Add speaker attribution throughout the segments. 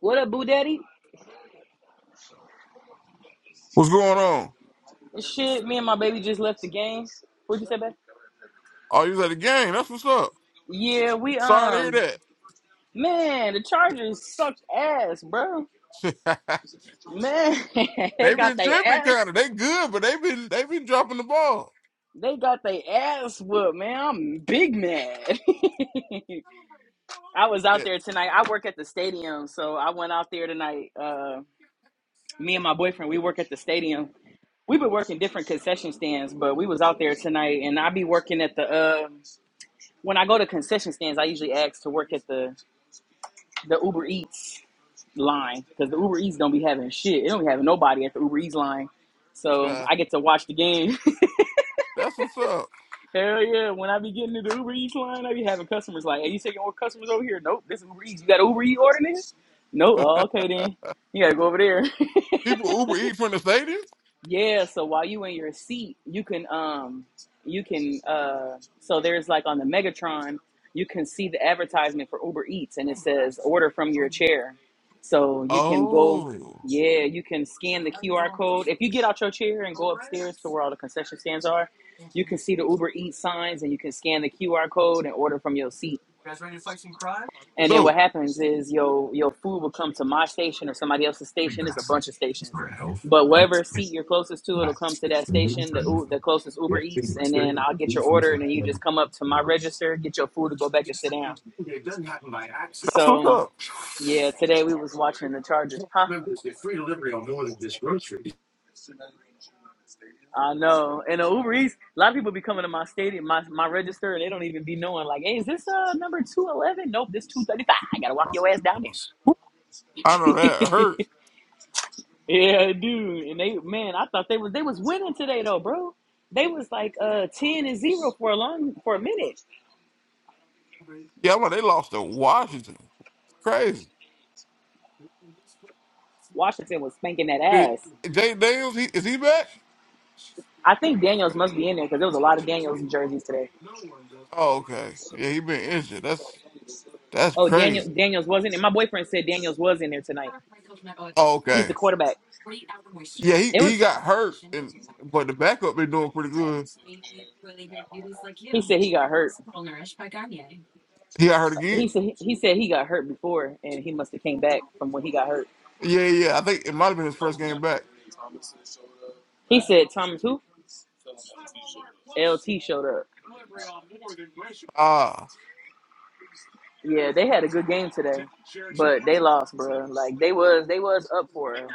Speaker 1: What up, Boo Daddy?
Speaker 2: What's going on?
Speaker 1: Shit, me and my baby just left the games. What'd you say, babe?
Speaker 2: Oh, you was at the game. That's what's up.
Speaker 1: Yeah, we
Speaker 2: Sorry to hear
Speaker 1: um, man, the Chargers sucked ass, bro.
Speaker 2: that.
Speaker 1: Man,
Speaker 2: they
Speaker 1: they
Speaker 2: have
Speaker 1: got
Speaker 2: been
Speaker 1: their
Speaker 2: tripping kind
Speaker 1: ass.
Speaker 2: of. They good, but they have been they have been dropping the ball.
Speaker 1: They got their ass whooped, man. I'm big mad. I was
Speaker 2: Yeah,
Speaker 1: out there tonight. I work at the stadium, so I went out there tonight. Uh, me and my boyfriend, we work at the stadium. We've been working different concession stands, but we was out there tonight, and I be working at the. Uh, when I go to concession stands, I usually ask to work at the the Uber Eats line because the Uber Eats don't be having shit. It don't be having nobody at the Uber Eats line. So
Speaker 2: uh,
Speaker 1: I get to watch the game.
Speaker 2: that's what's up.
Speaker 1: Hell yeah! When I be getting to the Uber Eats line, I be having customers like, "Hey, you taking more customers over here?" Nope, this is Uber Eats. You got Uber Eats ordering this? Nope. Oh, okay then. You gotta go over there.
Speaker 2: People Uber eat from the stadium.
Speaker 1: Yeah, so while you in your seat, you can um you can uh so there's like on the Megatron, you can see the advertisement for Uber Eats and it says order from your chair. So you can go
Speaker 2: Oh,
Speaker 1: yeah, you can scan the QR code. If you get out your chair and go upstairs to where all the concession stands are, you can see the Uber Eats signs and you can scan the QR code and order from your seat. And then what
Speaker 2: dope.
Speaker 1: happens is your your food will come to my station or somebody else's station. It's a bunch of stations, but whatever seat you're closest to, it'll come to that station. The U- the closest Uber Eats, and then I'll get your order, and then you just come up to my register, get your food, and go back and sit down.
Speaker 2: That's what's
Speaker 1: So
Speaker 2: up.
Speaker 1: yeah, today we was watching the Chargers. Huh? I know. And the Uber Eats, a lot of people be coming to my stadium, my, my register, and they don't even be knowing, like, hey, is this uh, number 211? Nope, this 235. I got to walk your ass down
Speaker 2: I know that
Speaker 1: there.
Speaker 2: hurt.
Speaker 1: Yeah, dude. And they man, I thought they was they was winning today though, bro. They was like uh ten and zero for a long for a minute.
Speaker 2: Yeah, I'm like, they lost to Washington. Crazy.
Speaker 1: Washington was spanking that
Speaker 2: Did
Speaker 1: ass.
Speaker 2: Jay Daniels, he, is he back?
Speaker 1: I think Daniels must be in there because there was a lot of Daniels jerseys today.
Speaker 2: Oh, okay. Yeah, he been injured. That's that's
Speaker 1: Oh, Daniel
Speaker 2: crazy.
Speaker 1: Daniels wasn't, and my boyfriend said Daniels was in there tonight.
Speaker 2: Oh,
Speaker 1: He's
Speaker 2: okay.
Speaker 1: the quarterback.
Speaker 2: Yeah, he,
Speaker 1: It was.
Speaker 2: he got hurt, and but the backup been doing pretty good.
Speaker 1: He said he got hurt.
Speaker 2: He got hurt again.
Speaker 1: He said he, he said he got hurt before, and he must have came back from when he got hurt.
Speaker 2: Yeah, yeah. I think it might have been his first game back.
Speaker 1: He said Thomas who? LT showed up.
Speaker 2: Ah,
Speaker 1: Yeah, they had a good game today, but they lost, bro. Like they was they was up for, it.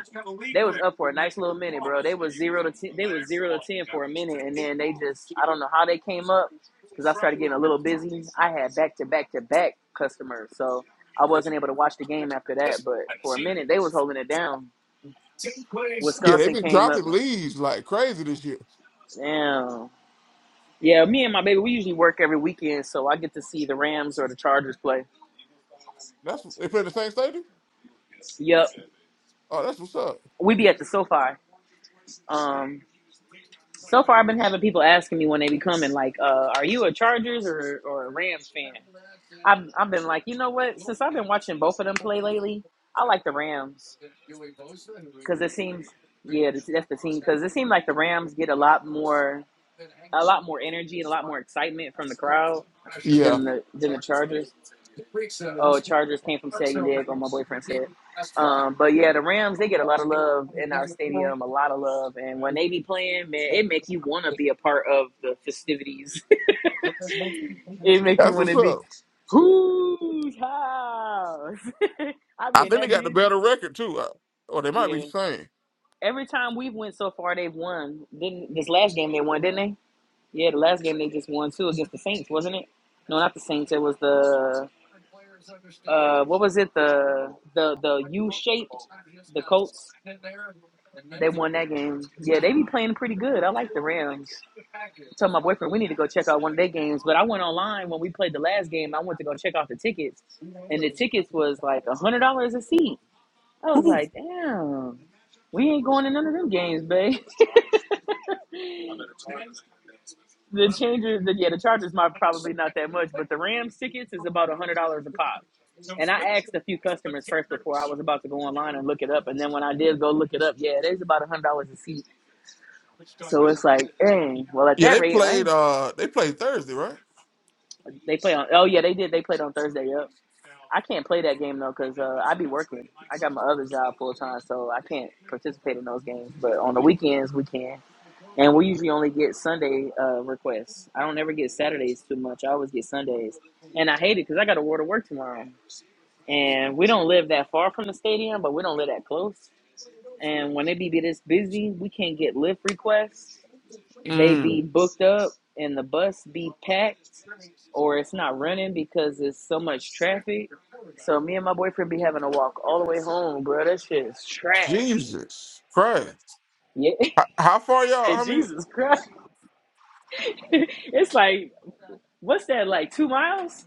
Speaker 1: they was up for a nice little minute, bro. They was zero to ten, they was zero to ten for a minute, and then they just I don't know how they came up because I started getting a little busy. I had back to back to back customers, so I wasn't able to watch the game after that. But for a minute, they was holding it down.
Speaker 2: yeah, they've
Speaker 1: Wisconsin
Speaker 2: been
Speaker 1: came up.
Speaker 2: dropping
Speaker 1: with-
Speaker 2: leads like crazy this year.
Speaker 1: Damn. Yeah, me and my baby, we usually work every weekend, so I get to see the Rams or the Chargers play.
Speaker 2: That's they play in the same stadium.
Speaker 1: Yep,
Speaker 2: Oh, that's what's up.
Speaker 1: we be at the SoFi. Um, So far, I've been having people asking me when they be coming, like, uh, "Are you a Chargers or or a Rams fan?" I've I've been like, you know what? Since I've been watching both of them play lately, I like the Rams because it seems, yeah, that's that's the team because it seems like the Rams get a lot more a lot more energy and a lot more excitement from the crowd
Speaker 2: Yeah,
Speaker 1: than the than the Chargers. Oh, Chargers came from San Diego. My boyfriend said. Um, but yeah, the Rams they get a lot of love in our stadium, a lot of love, and when they be playing, man, it make you want to be a part of the festivities. it make you
Speaker 2: that's
Speaker 1: want
Speaker 2: what's
Speaker 1: to be
Speaker 2: up.
Speaker 1: whose house? I be
Speaker 2: I
Speaker 1: in
Speaker 2: think they
Speaker 1: that
Speaker 2: got the
Speaker 1: bitch.
Speaker 2: better record too. Uh, Or they might be the
Speaker 1: Yeah.
Speaker 2: same.
Speaker 1: Every time we've went so far, they've won. Didn't this last game they won? Didn't they? Yeah, the last game they just won too against the Saints, wasn't it? No, not the Saints. It was the Uh, what was it? The the the U shaped the Colts. They won that game. Yeah, they be playing pretty good. I like the Rams. I told my boyfriend we need to go check out one of their games. But I went online when we played the last game. I went to go check out the tickets, and the tickets was like a hundred dollars a seat. I was
Speaker 2: Ooh.
Speaker 1: like, damn, we ain't going to none of them games, babe. The Chargers, the, yeah, the Chargers might probably not that much, but the Rams tickets is about a hundred dollars a pop. And I asked a few customers first before I was about to go online and look it up, and then when I did go look it up, yeah, it is about a hundred dollars a seat. So it's like, dang, well at
Speaker 2: Yeah,
Speaker 1: that
Speaker 2: they
Speaker 1: rate, I
Speaker 2: played.
Speaker 1: ain't-
Speaker 2: Uh, they played Thursday, right?
Speaker 1: they play on. Oh yeah, they did. They played on Thursday. Yep. I can't play that game though because uh, I be working. I got my other job full time, so I can't participate in those games. But on the weekends, we can. And we usually only get Sunday uh, requests. I don't ever get Saturdays too much. I always get Sundays, and I hate it because I got to war to work tomorrow. And we don't live that far from the stadium, but we don't live that close. And when they be be this busy, we can't get lift requests. They
Speaker 2: Mm.
Speaker 1: be booked up, and the bus be packed, or it's not running because there's so much traffic. So me and my boyfriend be having to walk all the way home, bro. That shit is trash.
Speaker 2: Jesus Christ!
Speaker 1: Yeah, he
Speaker 2: How, how far y'all?
Speaker 1: said
Speaker 2: How many?
Speaker 1: Jesus Christ. it's like What's that like? Two miles?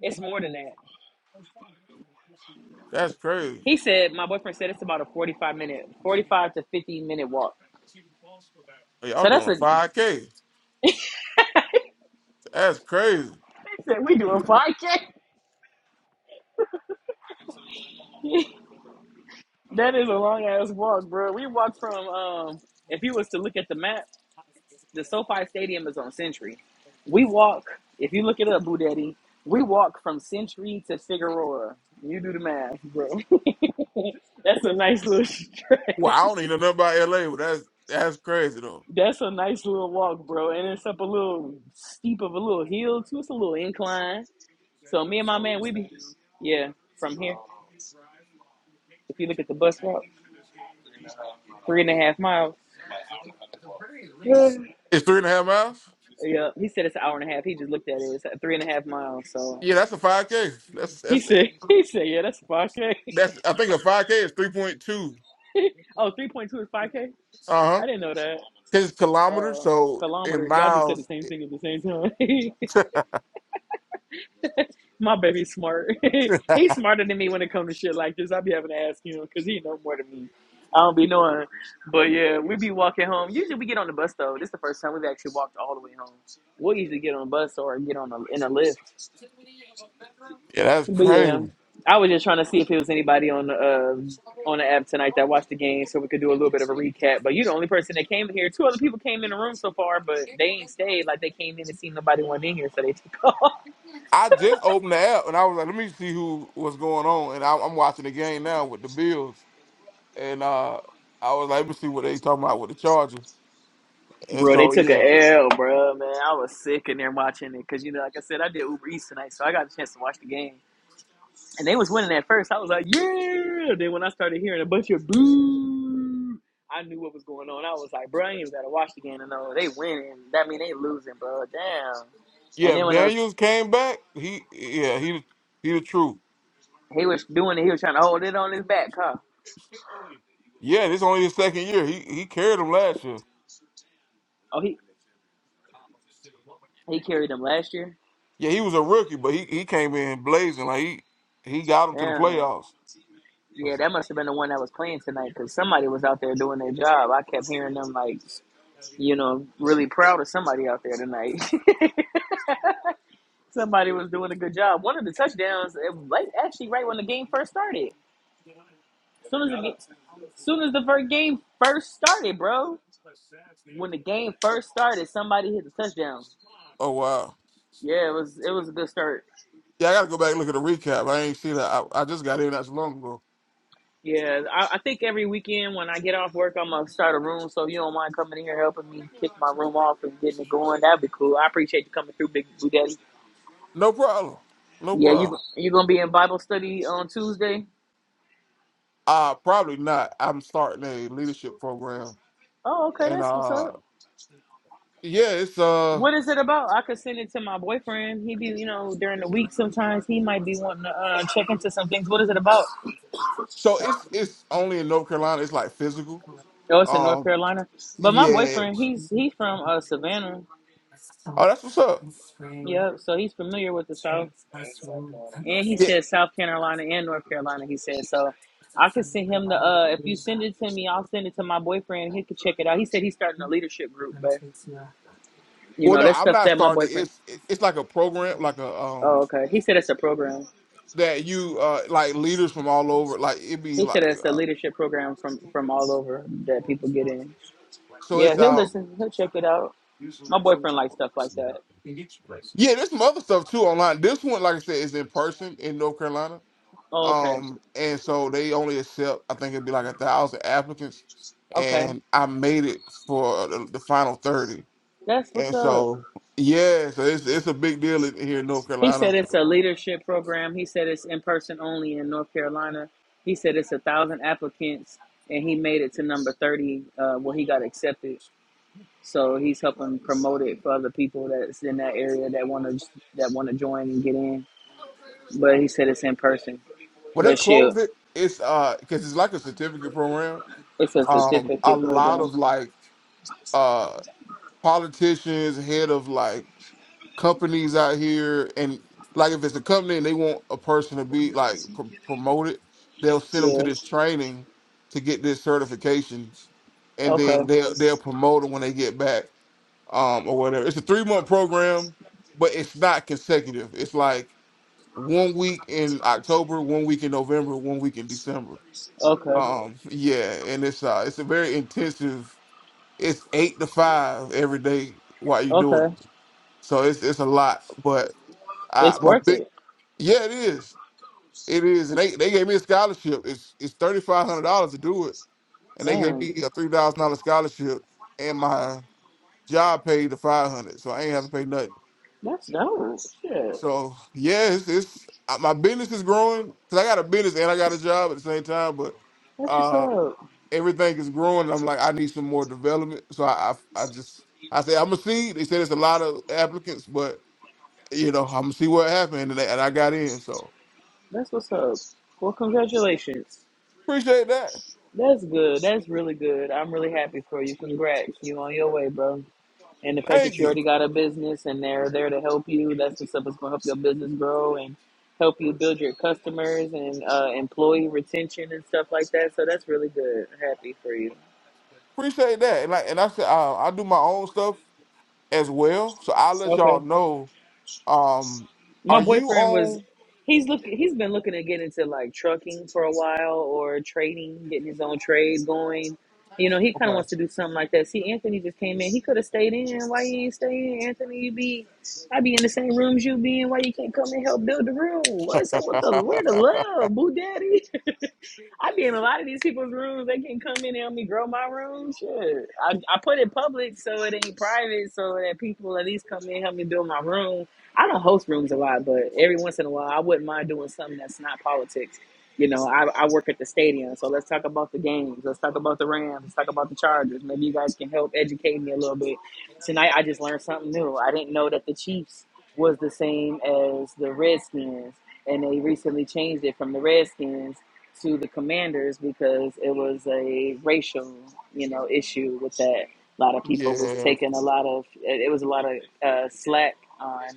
Speaker 1: It's more than that.
Speaker 2: That's crazy.
Speaker 1: He said my boyfriend said it's about a forty-five minute, forty-five to fifty minute walk.
Speaker 2: Hey, Y'all
Speaker 1: So that's
Speaker 2: doing a
Speaker 1: a.
Speaker 2: five
Speaker 1: He
Speaker 2: k? That's crazy.
Speaker 1: said we doing five k. That is a long ass walk, bro. We walked from um. If you was to look at the map, the SoFi Stadium is on Century. We walk. If you look it up, Boo Daddy, we walk from Century to Figueroa. You do the math, bro. that's a nice little stretch.
Speaker 2: Well, I don't even know nothing about LA, but that's that's crazy though.
Speaker 1: That's a nice little walk, bro. And it's up a little steep of a little hill too. It's a little incline. So me and my man, we be yeah from here. If you look at the bus route, three and a half miles. yeah,
Speaker 2: It's three and a half miles.
Speaker 1: he said it's an hour and a half. He just looked at it. It's at three and a half miles. So
Speaker 2: Yeah, that's a five k. That's
Speaker 1: he
Speaker 2: that's
Speaker 1: said he said yeah, that's five k.
Speaker 2: that's. I think a five k is three point two.
Speaker 1: Oh, three point two is five k.
Speaker 2: Uh huh.
Speaker 1: I didn't know that.
Speaker 2: Cause it's kilometers,
Speaker 1: Uh,
Speaker 2: so in
Speaker 1: kilometers. Y'all just said the
Speaker 2: miles.
Speaker 1: same thing at the same time. My baby's smart. He's smarter than me when it comes to shit like this. I be having to ask him because he know more than me. I don't be knowing. But yeah, we be walking home. Usually we get on the bus though. This is the first time we've actually walked all the way home. We'll usually get on a bus or get on a, in a lift.
Speaker 2: Yeah, that's
Speaker 1: But
Speaker 2: crazy.
Speaker 1: yeah, I was just trying to see if it was anybody on the uh, on the app tonight that watched the game, so we could do a little bit of a recap. But you're the only person that came here. Two other people came in the room so far, but they ain't stayed. Like they came in and seen nobody went in here, so they took off.
Speaker 2: I just opened the app and I was like, let me see who was going on. And I, I'm watching the game now with the Bills. And uh, I was like, let me see what they talking about with the Chargers. And
Speaker 1: Bro, they
Speaker 2: so
Speaker 1: took
Speaker 2: yeah,
Speaker 1: a L, bro, man. I was sick in there watching it because, you know, like I said, I did Uber Eats tonight, so I got a chance to watch the game. And they was winning at first. I was like, yeah. Then when I started hearing a bunch of boo, I knew what was going on. I was like, bro, I ain't even got to watch the game to know they winning. That mean they losing, bro. Damn. And
Speaker 2: yeah.
Speaker 1: then
Speaker 2: If
Speaker 1: when I was,
Speaker 2: Daniels came back, he yeah he he the truth.
Speaker 1: he was doing it, he was trying to hold it on his back, huh?
Speaker 2: Yeah, this only his second year. He he carried him last year.
Speaker 1: Oh, he, he carried them last year?
Speaker 2: Yeah, he was a rookie, but he, he came in blazing. Like he he got him to the
Speaker 1: Damn.
Speaker 2: playoffs. I
Speaker 1: Yeah,
Speaker 2: was
Speaker 1: that must have been the one that was playing tonight because somebody was out there doing their job. I kept hearing them like You know, really proud of somebody out there tonight. somebody was doing a good job. One of the touchdowns, it was like actually right when the game first started. Soon as the game, soon as the first game first started, bro. When the game first
Speaker 2: like,
Speaker 1: started, somebody hit the touchdown.
Speaker 2: oh wow.
Speaker 1: Yeah, it was it was a good start.
Speaker 2: Yeah, I gotta go back and look at the recap. I ain't see that. I, I just got in not so long ago.
Speaker 1: Yeah, I, I think every weekend when I get off work, I'm gonna start a room. So if you don't mind coming in here helping me kick my room off and getting it going, that'd be cool. I appreciate you coming through, Big Blue Daddy.
Speaker 2: No problem. No
Speaker 1: Yeah, you
Speaker 2: problem.
Speaker 1: you gonna be in Bible study on Tuesday?
Speaker 2: Uh probably not. I'm starting a leadership program.
Speaker 1: Oh, okay,
Speaker 2: And
Speaker 1: that's what's
Speaker 2: uh
Speaker 1: up.
Speaker 2: yeah, it's uh
Speaker 1: What is it about? I could send it to my boyfriend. He be, you know, during the week sometimes he might be wanting to uh, check into some things. What is it about?
Speaker 2: so it's it's only in North Carolina, it's like physical.
Speaker 1: Oh, it's in North
Speaker 2: Um
Speaker 1: Carolina. But my
Speaker 2: yeah.
Speaker 1: boyfriend, he's he's from uh, Savannah.
Speaker 2: Oh that's what's up.
Speaker 1: Yep, so he's familiar with the South. And he
Speaker 2: Yeah.
Speaker 1: said South Carolina and North Carolina. He said so. I could send him the. Uh, if you send it to me, I'll send it to my boyfriend. He could check it out. He said he's starting a leadership group, but you
Speaker 2: Well
Speaker 1: know
Speaker 2: no,
Speaker 1: that's
Speaker 2: I'm
Speaker 1: stuff
Speaker 2: not
Speaker 1: that my
Speaker 2: starting it.
Speaker 1: boyfriend.
Speaker 2: It's it- it's like a program, like a um
Speaker 1: Oh, okay. He said it's a program.
Speaker 2: that you uh like leaders from all over, like it'd be
Speaker 1: He said
Speaker 2: like
Speaker 1: it's a
Speaker 2: uh,
Speaker 1: leadership program from from all over that people get in.
Speaker 2: so
Speaker 1: Yeah,
Speaker 2: it's
Speaker 1: he'll
Speaker 2: um
Speaker 1: listen. He'll check it out. My boyfriend likes stuff like that.
Speaker 2: yeah, there's some other stuff too online. This one, like I said, is in person in North Carolina.
Speaker 1: Oh, okay,
Speaker 2: Um, and so they only accept, I think it'd be like a thousand applicants,
Speaker 1: okay,
Speaker 2: and I made it for the, the final thirty.
Speaker 1: that's what's
Speaker 2: And
Speaker 1: up.
Speaker 2: so, yeah, so it's it's a big deal in, here in North
Speaker 1: He said
Speaker 2: Carolina.
Speaker 1: it's a leadership program. He said it's in person only in North Carolina. He said it's a thousand applicants, and he made it to number thirty uh, where he got accepted. So he's helping promote it for other people that's in that area that want to that want to join and get in. But he said it's in person.
Speaker 2: When they
Speaker 1: But shit.
Speaker 2: close it, it's uh because it's like a certificate program.
Speaker 1: It's a
Speaker 2: Um, a
Speaker 1: certificate
Speaker 2: lot
Speaker 1: program.
Speaker 2: of like uh politicians, head of like companies out here and like if it's a company and they want a person to be like pr- promoted they'll send them to
Speaker 1: Yeah.
Speaker 2: this training to get this certification and then
Speaker 1: Okay.
Speaker 2: they'll they'll promote them when they get back um or whatever it's a three month program but it's not consecutive it's like one week in october one week in november one week in december
Speaker 1: Okay.
Speaker 2: um yeah and it's uh it's a very intensive it's eight to five every day while you're doing
Speaker 1: Okay.
Speaker 2: it so it's it's a lot but I,
Speaker 1: It's
Speaker 2: my
Speaker 1: worth
Speaker 2: big,
Speaker 1: it.
Speaker 2: yeah, it is. It is. And they, they gave me a scholarship. It's it's thirty five hundred dollars to do it, and they gave
Speaker 1: Damn.
Speaker 2: me a three thousand dollar scholarship, and my job paid the five hundred, so I ain't have to pay nothing.
Speaker 1: That's dope. Shit.
Speaker 2: So yeah, it's, it's uh, my business is growing because I got a business and I got a job at the same time, but
Speaker 1: That's what's
Speaker 2: uh,
Speaker 1: up.
Speaker 2: everything is growing. And I'm like, I need some more development, so I I, I just I say I'm gonna see. They said it's a lot of applicants, but you know I'm gonna see what happened, and, I- and I got in, so
Speaker 1: That's what's up. Well, congratulations.
Speaker 2: appreciate that.
Speaker 1: That's good. That's really good. I'm really happy for you. Congrats. You on your way, bro. And the fact that
Speaker 2: Thank
Speaker 1: you
Speaker 2: you.
Speaker 1: already got a business and they're there to help you, that's the stuff that's going to help your business grow and help you build your customers and uh, employee retention and stuff like that. So that's really good. Happy for you.
Speaker 2: Appreciate that. And like, and I said, uh, I do my own stuff as well. So I'll let
Speaker 1: Okay.
Speaker 2: y'all know. Um,
Speaker 1: My
Speaker 2: are you
Speaker 1: boyfriend was
Speaker 2: on?
Speaker 1: he's looking he's been looking to get into like trucking for a while or trading, getting his own trade going. You know, he kinda
Speaker 2: Okay.
Speaker 1: wants to do something like that. See, Anthony just came in. He could have stayed in. Why you ain't staying, Anthony? You be I be in the same rooms you be in. Why you can't come and help build the room? What's up with the where the love, boo daddy? I be in a lot of these people's rooms. They can come in and help me grow my room. Shit. I, I put it public so it ain't private so that people at least come in and help me build my room. I don't host rooms a lot, but every once in a while I wouldn't mind doing something that's not politics. You know, I, I work at the stadium, so let's talk about the games. Let's talk about the Rams. Let's talk about the Chargers. Maybe you guys can help educate me a little bit. Tonight I just learned something new. I didn't know that the Chiefs was the same as the Redskins, and they recently changed it from the Redskins to the commanders because it was a racial, you know, issue with that. A lot of people was
Speaker 2: yeah.
Speaker 1: taking a lot of it was a lot of uh, slack on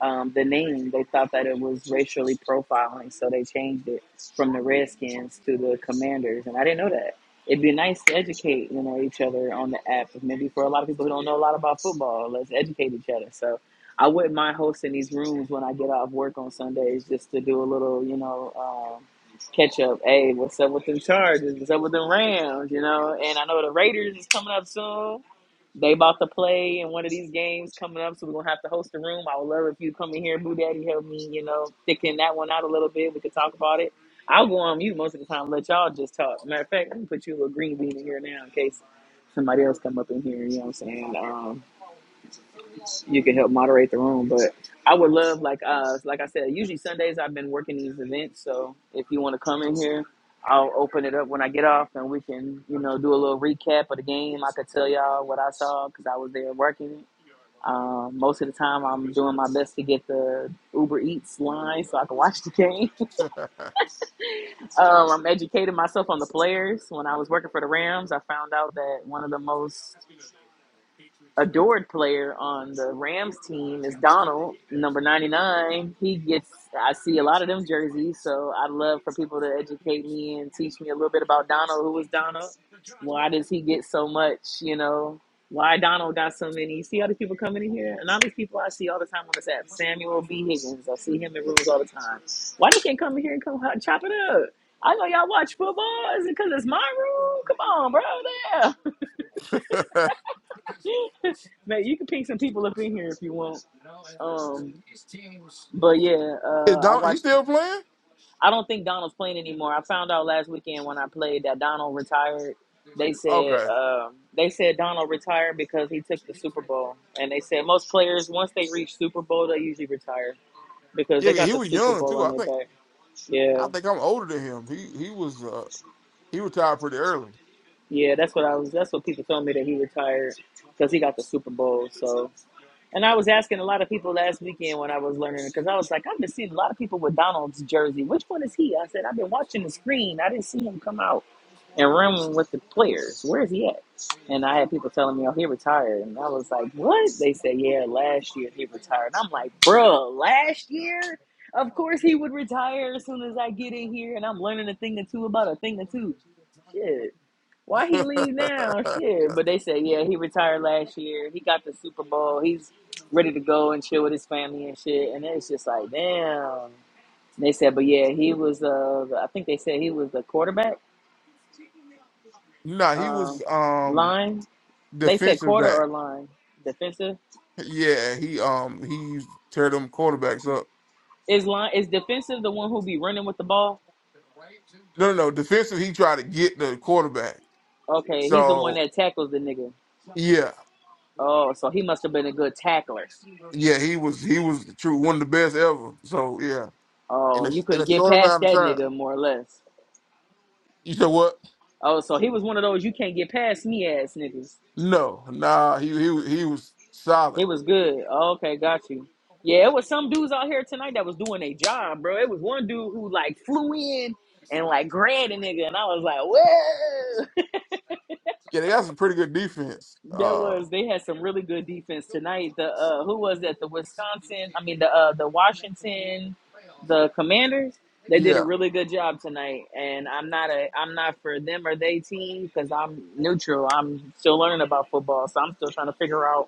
Speaker 1: um, the name. They thought that it was racially profiling, so they changed it from the Redskins to the Commanders. And I didn't know that. It'd be nice to educate, you know, each other on the app. Maybe for a lot of people who don't know a lot about football, let's educate each other. So I wouldn't mind hosting these rooms when I get off work on Sundays, just to do a little, you know. Um, catch up. Hey, what's up with them Chargers? What's up with them Rams? You know, and I know the Raiders is coming up soon. They about to play in one of these games coming up, so we're gonna have to host a room. I would love if you come in here, Boo Daddy, help me, you know, thicken that one out a little bit. We could talk about it. I'll go on mute most of the time, and let y'all just talk. Matter of fact, I'm gonna put you a green bean in here now in case somebody else come up in here. You know what I'm saying? Um, you can help moderate the room. But I would love, like, uh, like I said, usually Sundays I've been working these events. So if you want to come in here, I'll open it up when I get off, and we can, you know, do a little recap of the game. I could tell y'all what I saw because I was there working it. Um, most of the time, I'm doing my best to get the Uber Eats line so I can watch the game. um, I'm educating myself on the players. When I was working for the Rams, I found out that one of the most adored player on the Rams team is Donald, number 99. He gets, I see a lot of them jerseys, so I'd love for people to educate me and teach me a little bit about Donald. Who is Donald? Why does he get so much, you know? Why Donald got so many? You see all these people coming in here, and all these people I see all the time on this app. Samuel B. Higgins, I see him in rooms all the time. Why they can't come in here and come hot- chop it up? I know y'all watch football. Is it because it's my room? Come on, bro. Damn. Man, you can ping some people up in here if you want. Um, but yeah,
Speaker 2: Is
Speaker 1: uh, I
Speaker 2: Don, he
Speaker 1: watched.
Speaker 2: still playing?
Speaker 1: I don't think Donald's playing anymore. I found out last weekend when I played that Donald retired. They said
Speaker 2: Okay.
Speaker 1: um, they said Donald retired because he took the Super Bowl, and they said most players once they reach Super Bowl they usually retire because
Speaker 2: Yeah,
Speaker 1: they
Speaker 2: 'cause
Speaker 1: got
Speaker 2: he
Speaker 1: the
Speaker 2: was
Speaker 1: Super
Speaker 2: young
Speaker 1: Bowl
Speaker 2: too.
Speaker 1: on
Speaker 2: I
Speaker 1: their
Speaker 2: think
Speaker 1: back.
Speaker 2: I
Speaker 1: Yeah,
Speaker 2: think I'm older than him. He he was uh he retired pretty early.
Speaker 1: yeah, that's what I was. That's what people told me that he retired because he got the Super Bowl. So. And I was asking a lot of people last weekend when I was learning because I was like, I've been seeing a lot of people with Donald's jersey. Which one is he? I said, I've been watching the screen. I didn't see him come out and run with the players. Where is he at? And I had people telling me, oh, he retired. And I was like, what? They said, yeah, last year he retired. I'm like, bruh, last year? Of course he would retire as soon as I get in here. And I'm learning a thing or two about a thing or two. Shit. Why he leave now? Shit. But they said, yeah, he retired last year. He got the Super Bowl. He's ready to go and chill with his family and shit. And it's just like, damn. They said, but yeah, he was, uh, I think they said he was the quarterback
Speaker 2: nah, he
Speaker 1: um,
Speaker 2: was um
Speaker 1: line. They said
Speaker 2: defensive
Speaker 1: quarter
Speaker 2: back.
Speaker 1: or line defensive.
Speaker 2: Yeah, he um he used to tear them quarterbacks up.
Speaker 1: Is line is defensive the one who be running with the ball?
Speaker 2: No, no, no. Defensive, he tried to get the quarterback.
Speaker 1: Okay, he's the one
Speaker 2: So
Speaker 1: that tackles the nigga.
Speaker 2: yeah,
Speaker 1: Oh, so he must have been a good tackler.
Speaker 2: yeah, he was he was the true one of the best ever. So yeah,
Speaker 1: Oh,
Speaker 2: in a
Speaker 1: you
Speaker 2: in
Speaker 1: couldn't
Speaker 2: a
Speaker 1: get
Speaker 2: short
Speaker 1: past
Speaker 2: amount of
Speaker 1: that
Speaker 2: time.
Speaker 1: nigga more or less.
Speaker 2: You said what?
Speaker 1: Oh, so he was one of those you can't get past me ass niggas.
Speaker 2: No, nah, he he was- he was solid.
Speaker 1: He was good. Oh, okay, got you. Yeah, it was some dudes out here tonight that was doing their job, bro. It was one dude who like flew in and like grabbed a nigga, and I was like, whoa.
Speaker 2: Yeah, they got some pretty good defense.
Speaker 1: that
Speaker 2: Uh,
Speaker 1: was they had some really good defense tonight. The uh, who was that? The Wisconsin, I mean the uh, the Washington, the Commanders. They did a
Speaker 2: yeah,
Speaker 1: really good job tonight, and I'm not a I'm not for them or they team because I'm neutral. I'm still learning about football, so I'm still trying to figure out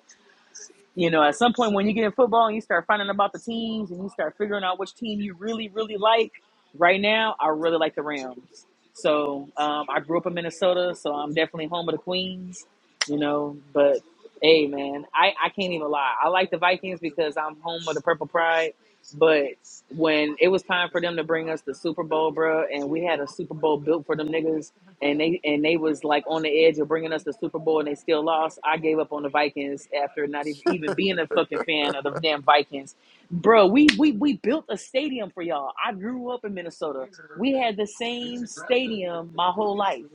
Speaker 1: You know, at some point when you get in football and you start finding about the teams and you start figuring out which team you really, really like, right now, I really like the Rams. So um, I grew up in Minnesota, so I'm definitely home of the Queens, you know. But hey, man, I, I can't even lie. I like the Vikings because I'm home of the Purple Pride. But niggas when it was time for them to bring us the Super Bowl, bro, and we had a Super Bowl built for them niggas, and they and they was like on the edge of bringing us the Super Bowl, and they still lost. I gave up on the Vikings after not even even being a fucking fan of the damn Vikings, bro. We we we built a stadium for y'all. I grew up in Minnesota. We had the same stadium my whole life.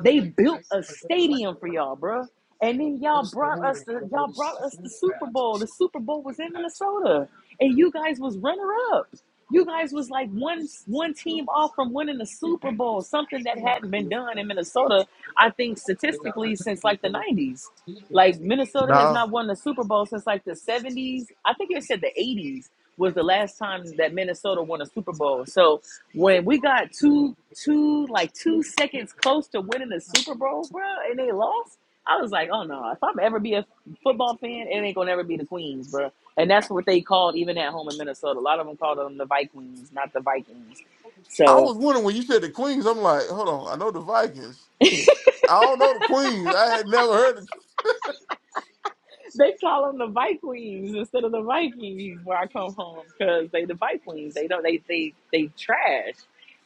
Speaker 1: They built a stadium for y'all, bro, And then y'all brought us the y'all brought us the Super Bowl. The Super Bowl was in Minnesota and you guys was runner ups. You guys was like one one team off from winning the Super Bowl, something that hadn't been done in Minnesota. I think statistically since like the '90s, like Minnesota has
Speaker 2: nah.
Speaker 1: not won the Super Bowl since like the '70s. I think it said the '80s was the last time that Minnesota won a Super Bowl. So when we got two two like two seconds close to winning the Super Bowl, bro, and they lost. I was like, oh no, if I'm ever be a football fan, it ain't gonna ever be the Queens, bro. And that's what they called even at home in Minnesota. A lot of them called them the Vikings, not the Vikings.
Speaker 2: I
Speaker 1: So
Speaker 2: was wondering when you said the Queens. I'm like, hold on, I know the Vikings. I don't know the Queens. I had never heard.
Speaker 1: They call them the Vikings instead of the Vikings where I come from because they the Vikings. They don't. They they they trash,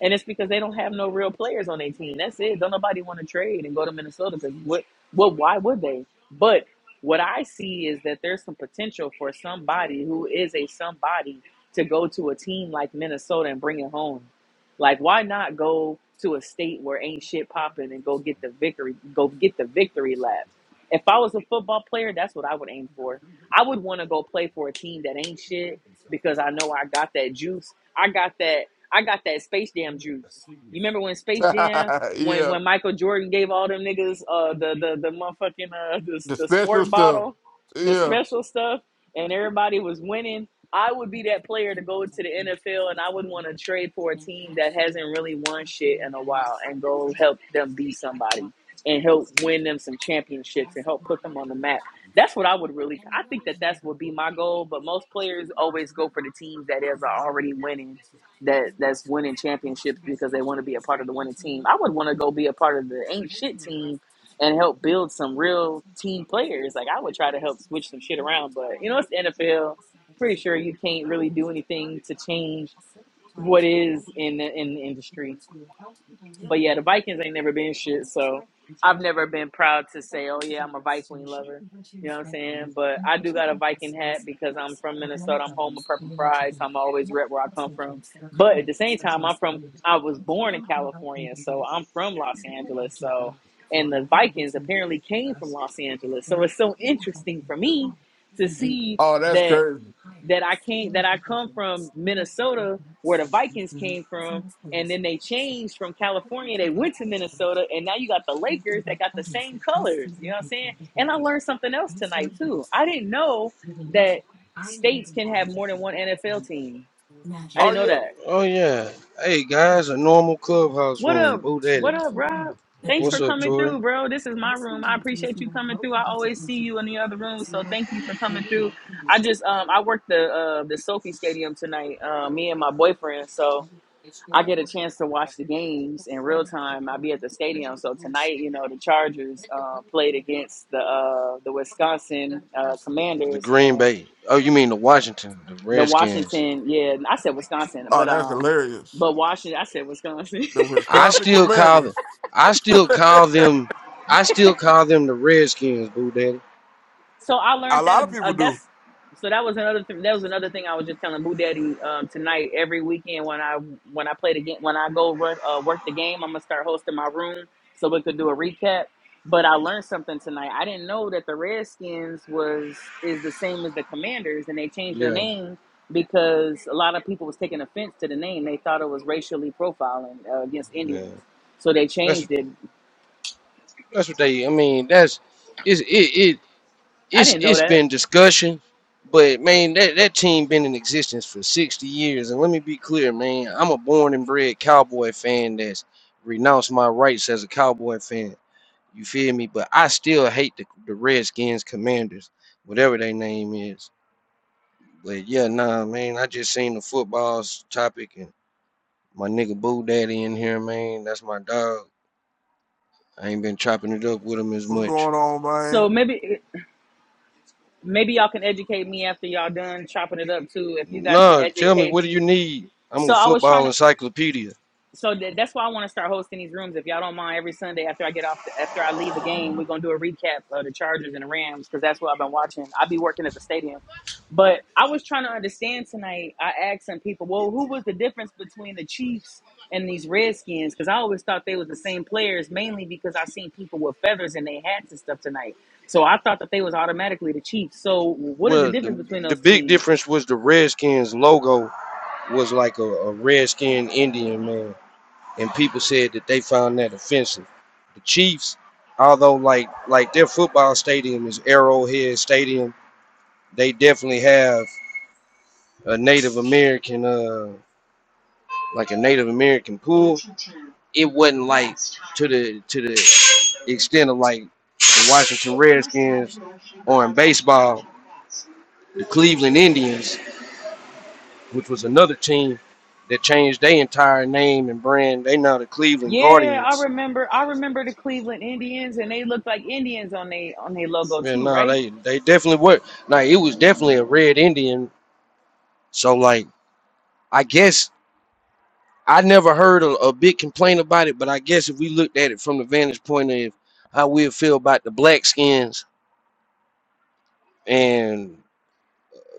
Speaker 1: and it's because they don't have no real players on their team. That's it. Don't nobody want to trade and go to Minnesota because what what why would they? But what I see is that there's some potential for somebody who is a somebody to go to a team like Minnesota and bring it home. Like why not go to a state where ain't shit popping and go get the victory? Go get the victory lap if I was a football player, that's what I would aim for. I would want to go play for a team that ain't shit because I know I got that juice. I got that. I got that Space Jam juice. You remember when Space Jam,
Speaker 2: Of...
Speaker 1: when
Speaker 2: yeah,
Speaker 1: when Michael Jordan gave all them niggas uh the the the motherfucking uh the,
Speaker 2: the
Speaker 1: the
Speaker 2: special
Speaker 1: squirt
Speaker 2: stuff.
Speaker 1: bottle, the
Speaker 2: Yeah.
Speaker 1: special stuff, and everybody was winning. I would be that player to go to the NFL, and I would want to trade for a team that hasn't really won shit in a while and go help them be somebody and help win them some championships and help put them on the map. That's what I would really. I think that that's would be my goal. But most players always go for the teams that is are already winning, that that's winning championships because they want to be a part of the winning team. I would want to go be a part of the ain't shit team and help build some real team players. Like I would try to help switch some shit around. But you know, it's the NFL. Pretty sure you can't really do anything to change what is in the in the industry. But yeah, the Vikings ain't never been shit, so I've never been proud to say, oh yeah, I'm a Viking lover. You know what I'm saying? But I do got a Viking hat because I'm from Minnesota. I'm home of Purple Pride, so I'm always rep where I come from. But at the same time, I'm from. I was born in California, so I'm from Los Angeles. So, and the Vikings apparently came from Los Angeles. So it's so interesting for me to see
Speaker 2: Oh, that's
Speaker 1: that
Speaker 2: crazy.
Speaker 1: that I came that I come from Minnesota where the Vikings came from and then they changed from California they went to Minnesota and now you got the Lakers that got the same colors you know what I'm saying and I learned something else tonight too I didn't know that states can have more than one NFL team I
Speaker 2: Oh
Speaker 1: didn't know
Speaker 2: yeah.
Speaker 1: that
Speaker 3: Oh yeah. Hey guys, a normal clubhouse
Speaker 1: What
Speaker 3: room.
Speaker 1: up?
Speaker 3: Boo
Speaker 1: What
Speaker 3: Daddy.
Speaker 1: up, Rob? Thanks for
Speaker 3: What's up,
Speaker 1: coming
Speaker 3: Tori?
Speaker 1: through, bro. This is my room. I appreciate you coming through. I always see you in the other room, so thank you for coming through. I just um I worked the uh the Sophie Stadium tonight. Uh, me and my boyfriend, so I get a chance to watch the games in real time. I be at the stadium, so tonight, you know, the Chargers uh, played against the uh the Wisconsin uh,
Speaker 3: The
Speaker 1: Commanders
Speaker 3: Green
Speaker 1: and
Speaker 3: Bay. Oh, you mean the Washington, the
Speaker 1: the
Speaker 3: Redskins.
Speaker 1: Washington. Yeah, I said Wisconsin,
Speaker 2: Oh,
Speaker 1: but
Speaker 2: that's
Speaker 1: um,
Speaker 2: hilarious.
Speaker 1: but Washington. I said Wisconsin.
Speaker 2: The
Speaker 3: I
Speaker 2: Wisconsin
Speaker 3: still call them
Speaker 2: Commanders.
Speaker 3: I still call them I still call them the Redskins, Boo Daddy.
Speaker 1: So I
Speaker 2: A
Speaker 1: learned that
Speaker 2: lot
Speaker 1: uh,
Speaker 2: of
Speaker 1: uh,
Speaker 2: people do.
Speaker 1: that's so that was another th- that was another thing I was just telling Boo Daddy um, tonight. Every weekend when I when I play the game when I go work, uh, work the game, I'm gonna start hosting my room so we could do a recap. But I learned something tonight. I didn't know that the Redskins was is the same as the Commanders, and they changed their
Speaker 3: Yeah,
Speaker 1: name because a lot of people was taking offense to the name. They thought it was racially profiling uh, against
Speaker 3: man.
Speaker 1: Indians, so they
Speaker 3: That's
Speaker 1: changed it.
Speaker 3: that's what they I mean, that's it's it,
Speaker 1: I
Speaker 3: it's
Speaker 1: didn't know
Speaker 3: it's
Speaker 1: that.
Speaker 3: been discussion, but man, that, that team been in existence for 60 years. And let me be clear, man, I'm a born and bred cowboy fan that's renounced my rights as a cowboy fan. You feel me? But I still hate the, the Redskins commanders, whatever their name is. But yeah, nah, man, I just seen the football's topic and my nigga Boo Daddy in here, man. That's my dog. I ain't been chopping it up with him as
Speaker 2: What's
Speaker 3: much.
Speaker 2: going on,
Speaker 1: So
Speaker 2: man?
Speaker 1: maybe. maybe y'all can educate me after y'all done chopping it up too if you guys can
Speaker 3: Nah, tell me
Speaker 1: educate
Speaker 3: what do
Speaker 1: me
Speaker 3: you need? I'm
Speaker 1: so
Speaker 3: a
Speaker 1: i was trying
Speaker 3: football
Speaker 1: to
Speaker 3: encyclopedia.
Speaker 1: so that, that's why I want to start hosting these rooms. If y'all don't mind, every Sunday after I get off, the, after I leave a game, we're gonna do a recap of the Chargers and the Rams because that's what I've been watching. I will be working at the stadium, but I was trying to understand tonight. I asked some people, well, who was the difference between the Chiefs and these Redskins? Because I always thought they was the same players, mainly because I seen people with feathers in their hats and stuff tonight. So I thought that they was automatically the Chiefs. So what is the
Speaker 3: Well,
Speaker 1: difference between
Speaker 3: the, the
Speaker 1: those
Speaker 3: big
Speaker 1: teams?
Speaker 3: difference was the Redskins logo was like a, a Redskin Indian man, and people said that they found that offensive. The Chiefs, although like like their football stadium is Arrowhead Stadium, they definitely have a Native American uh like a Native American pool. It wasn't like to the to the extent of like the Washington Redskins or in baseball, the Cleveland Indians which was another team that changed their entire name and brand. They now the Cleveland
Speaker 1: Yeah, I
Speaker 3: Guardians.
Speaker 1: remember. I remember the Cleveland Indians, and they looked like Indians on they on their logo
Speaker 3: Man,
Speaker 1: too,
Speaker 3: no,
Speaker 1: right?
Speaker 3: they they definitely were. Like it was definitely a red Indian. So like, I guess I never heard a, a big complaint about it, but I guess if we looked at it from the vantage point of how we feel about the black skins and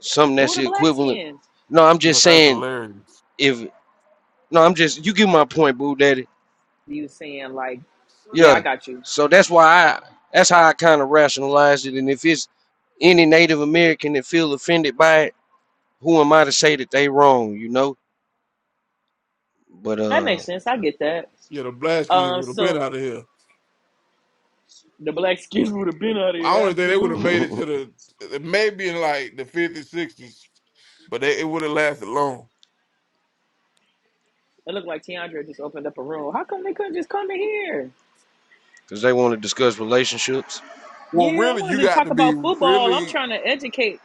Speaker 3: something
Speaker 1: Who
Speaker 3: that's
Speaker 1: are the
Speaker 3: the
Speaker 1: black
Speaker 3: equivalent.
Speaker 1: skins?
Speaker 3: No, I'm
Speaker 2: Yeah,
Speaker 3: just
Speaker 2: that's
Speaker 3: saying
Speaker 2: hilarious.
Speaker 3: if no, I'm just you get my point, Boo Daddy
Speaker 1: You saying like, yeah, I
Speaker 3: Yeah.
Speaker 1: got you.
Speaker 3: So that's why I that's how I kind of rationalize it. And if it's any Native American that feel offended by it, who am I to say that they wrong, you know? But
Speaker 1: That
Speaker 3: uh
Speaker 1: makes sense. I get that.
Speaker 2: Yeah, the Blaskins
Speaker 1: Um,
Speaker 2: would have been
Speaker 1: so
Speaker 2: out of here.
Speaker 1: the black skins would have been out of
Speaker 2: I
Speaker 1: here,
Speaker 2: only think they would have made
Speaker 1: absolutely.
Speaker 2: it to the maybe in like the 50s, 60s, but they, it would have lasted long.
Speaker 1: It looked like Tiandra just opened up a room. How come they couldn't just come in here?
Speaker 3: because they want to discuss relationships.
Speaker 2: Well,
Speaker 1: Yeah, I
Speaker 2: really, you
Speaker 1: wanted to
Speaker 2: got
Speaker 1: talk
Speaker 2: to be
Speaker 1: about football. I'm
Speaker 2: really.
Speaker 1: trying to educate.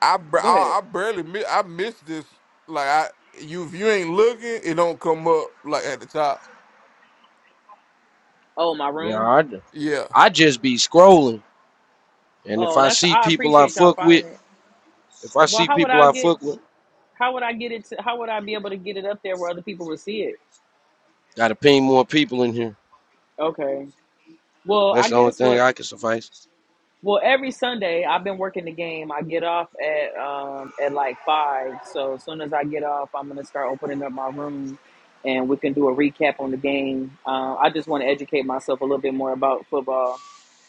Speaker 2: I ba-
Speaker 1: Go ahead.
Speaker 2: I, I barely mi- I missed this. Like I, you if you ain't looking, it don't come up like at the top.
Speaker 1: Oh, my
Speaker 3: Yeah,
Speaker 1: room.
Speaker 3: I,
Speaker 2: Yeah,
Speaker 3: I just be scrolling. And if
Speaker 1: Oh,
Speaker 3: I
Speaker 1: that's.
Speaker 3: see
Speaker 1: I
Speaker 3: people I
Speaker 1: appreciate y'all
Speaker 3: fuck with,
Speaker 1: finding it.
Speaker 3: if I
Speaker 1: Well,
Speaker 3: see
Speaker 1: how would
Speaker 3: people
Speaker 1: I
Speaker 3: I
Speaker 1: get?
Speaker 3: fuck with,
Speaker 1: How would I get it? To, how would I be able to get it up there where other people would see it?
Speaker 3: gotta ping more people in here.
Speaker 1: Okay. Well, I
Speaker 3: That's the only
Speaker 1: guess
Speaker 3: thing
Speaker 1: what.
Speaker 3: I can suffice.
Speaker 1: Well, every Sunday I've been working the game. I get off at um at like five. So as soon as I get off, I'm gonna start opening up my room, and we can do a recap on the game. Uh, I just want to educate myself a little bit more about football,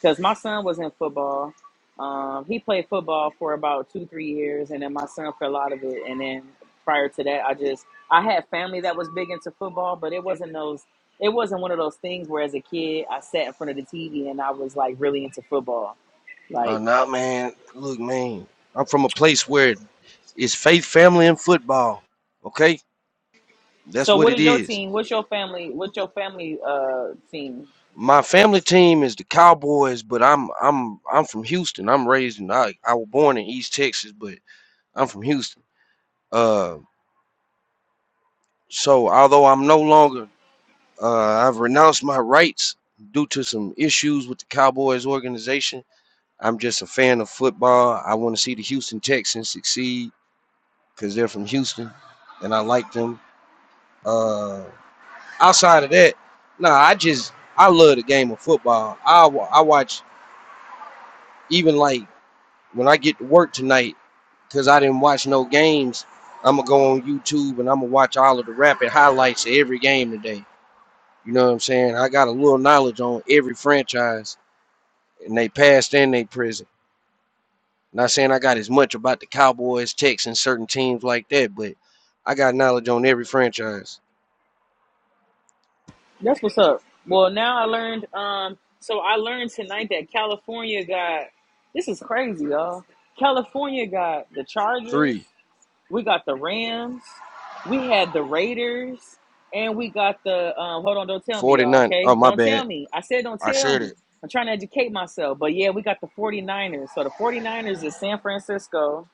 Speaker 1: because my son was in football. Um, he played football for about two three years, and then my son fell out of it. And then prior to that, I just I had family that was big into football, but it wasn't those. It wasn't one of those things where, as a kid, I sat in front of the TV and I was like really into football
Speaker 3: Oh
Speaker 1: like,
Speaker 3: no, man. Look, man, I'm from a place where it's faith, family, and football. Okay? That's
Speaker 1: so
Speaker 3: what
Speaker 1: what
Speaker 3: it
Speaker 1: is your
Speaker 3: is.
Speaker 1: team? What's your family? What's your family uh team?
Speaker 3: My family team is the Cowboys, but I'm I'm I'm from Houston. I'm raised in I, I was born in East Texas, but I'm from Houston. Uh, so although I'm no longer uh, I've renounced my rights due to some issues with the Cowboys organization. I'm just a fan of football. I want to see the Houston Texans succeed because they're from Houston, and I like them. Uh, outside of that, nah, I just I love the game of football. I wa- I watch even like When I get to work tonight, because I didn't watch no games, I'm going to go on YouTube and I'm going to watch all of the rapid highlights of every game today. You know what I'm saying? I got a little knowledge on every franchise and they past and they present. Not saying I got as much about the Cowboys, Texans, certain teams like that, but I got knowledge on every franchise.
Speaker 1: That's what's up. Well, now I learned. Um, so I learned tonight that California got. This is crazy, y'all. California got the Chargers.
Speaker 3: Three,
Speaker 1: We got the Rams. We had the Raiders, and we got the. Um, hold on, don't tell me, y'all.
Speaker 3: forty-nine.
Speaker 1: Okay,
Speaker 3: Oh, my
Speaker 1: don't tell
Speaker 3: bad.
Speaker 1: me. I said don't
Speaker 3: I
Speaker 1: tell
Speaker 3: said it.
Speaker 1: me. I'm trying to educate myself, but yeah, we got the 49ers. So the 49ers is San Francisco.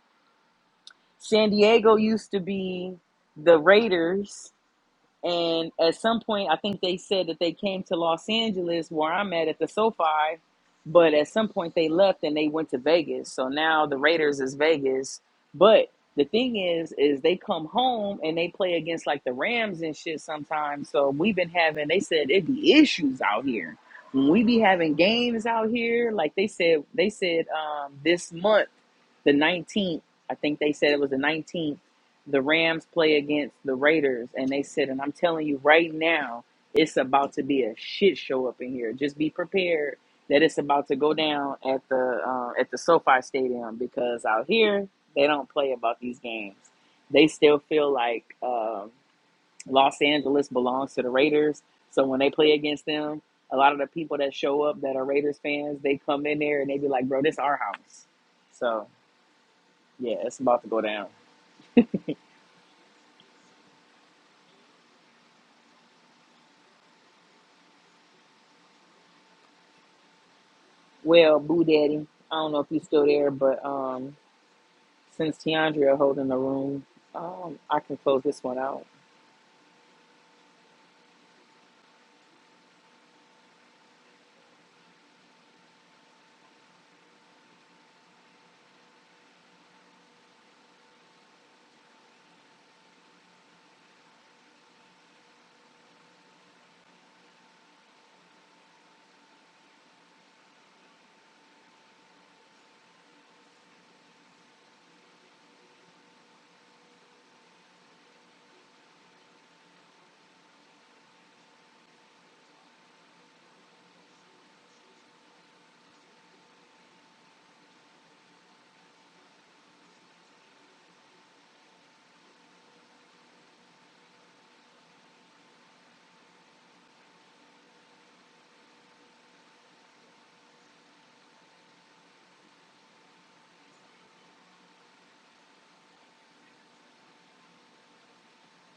Speaker 1: San Diego used to be the Raiders, and at some point, I think they said that they came to Los Angeles, where I'm at at the SoFi, but at some point they left and they went to Vegas. So now the Raiders is Vegas, but the thing is, is they come home and they play against like the Rams and shit sometimes. So we've been having, they said it be issues out here when we be having games out here. Like they said, they said um, this month the 19th, I think they said it was the 19th, the Rams play against the Raiders. And they said, and I'm telling you right now, it's about to be a shit show up in here. Just be prepared that it's about to go down at the uh, at the SoFi Stadium because out here they don't play about these games. They still feel like um Los Angeles belongs to the Raiders. So when they play against them, a lot of the people that show up that are Raiders fans, they come in there and they be like, "Bro, this our house." So yeah, it's about to go down. Well, Boo Daddy, I don't know if you're still there, but um, since Tiandria holding the room, um, I can close this one out.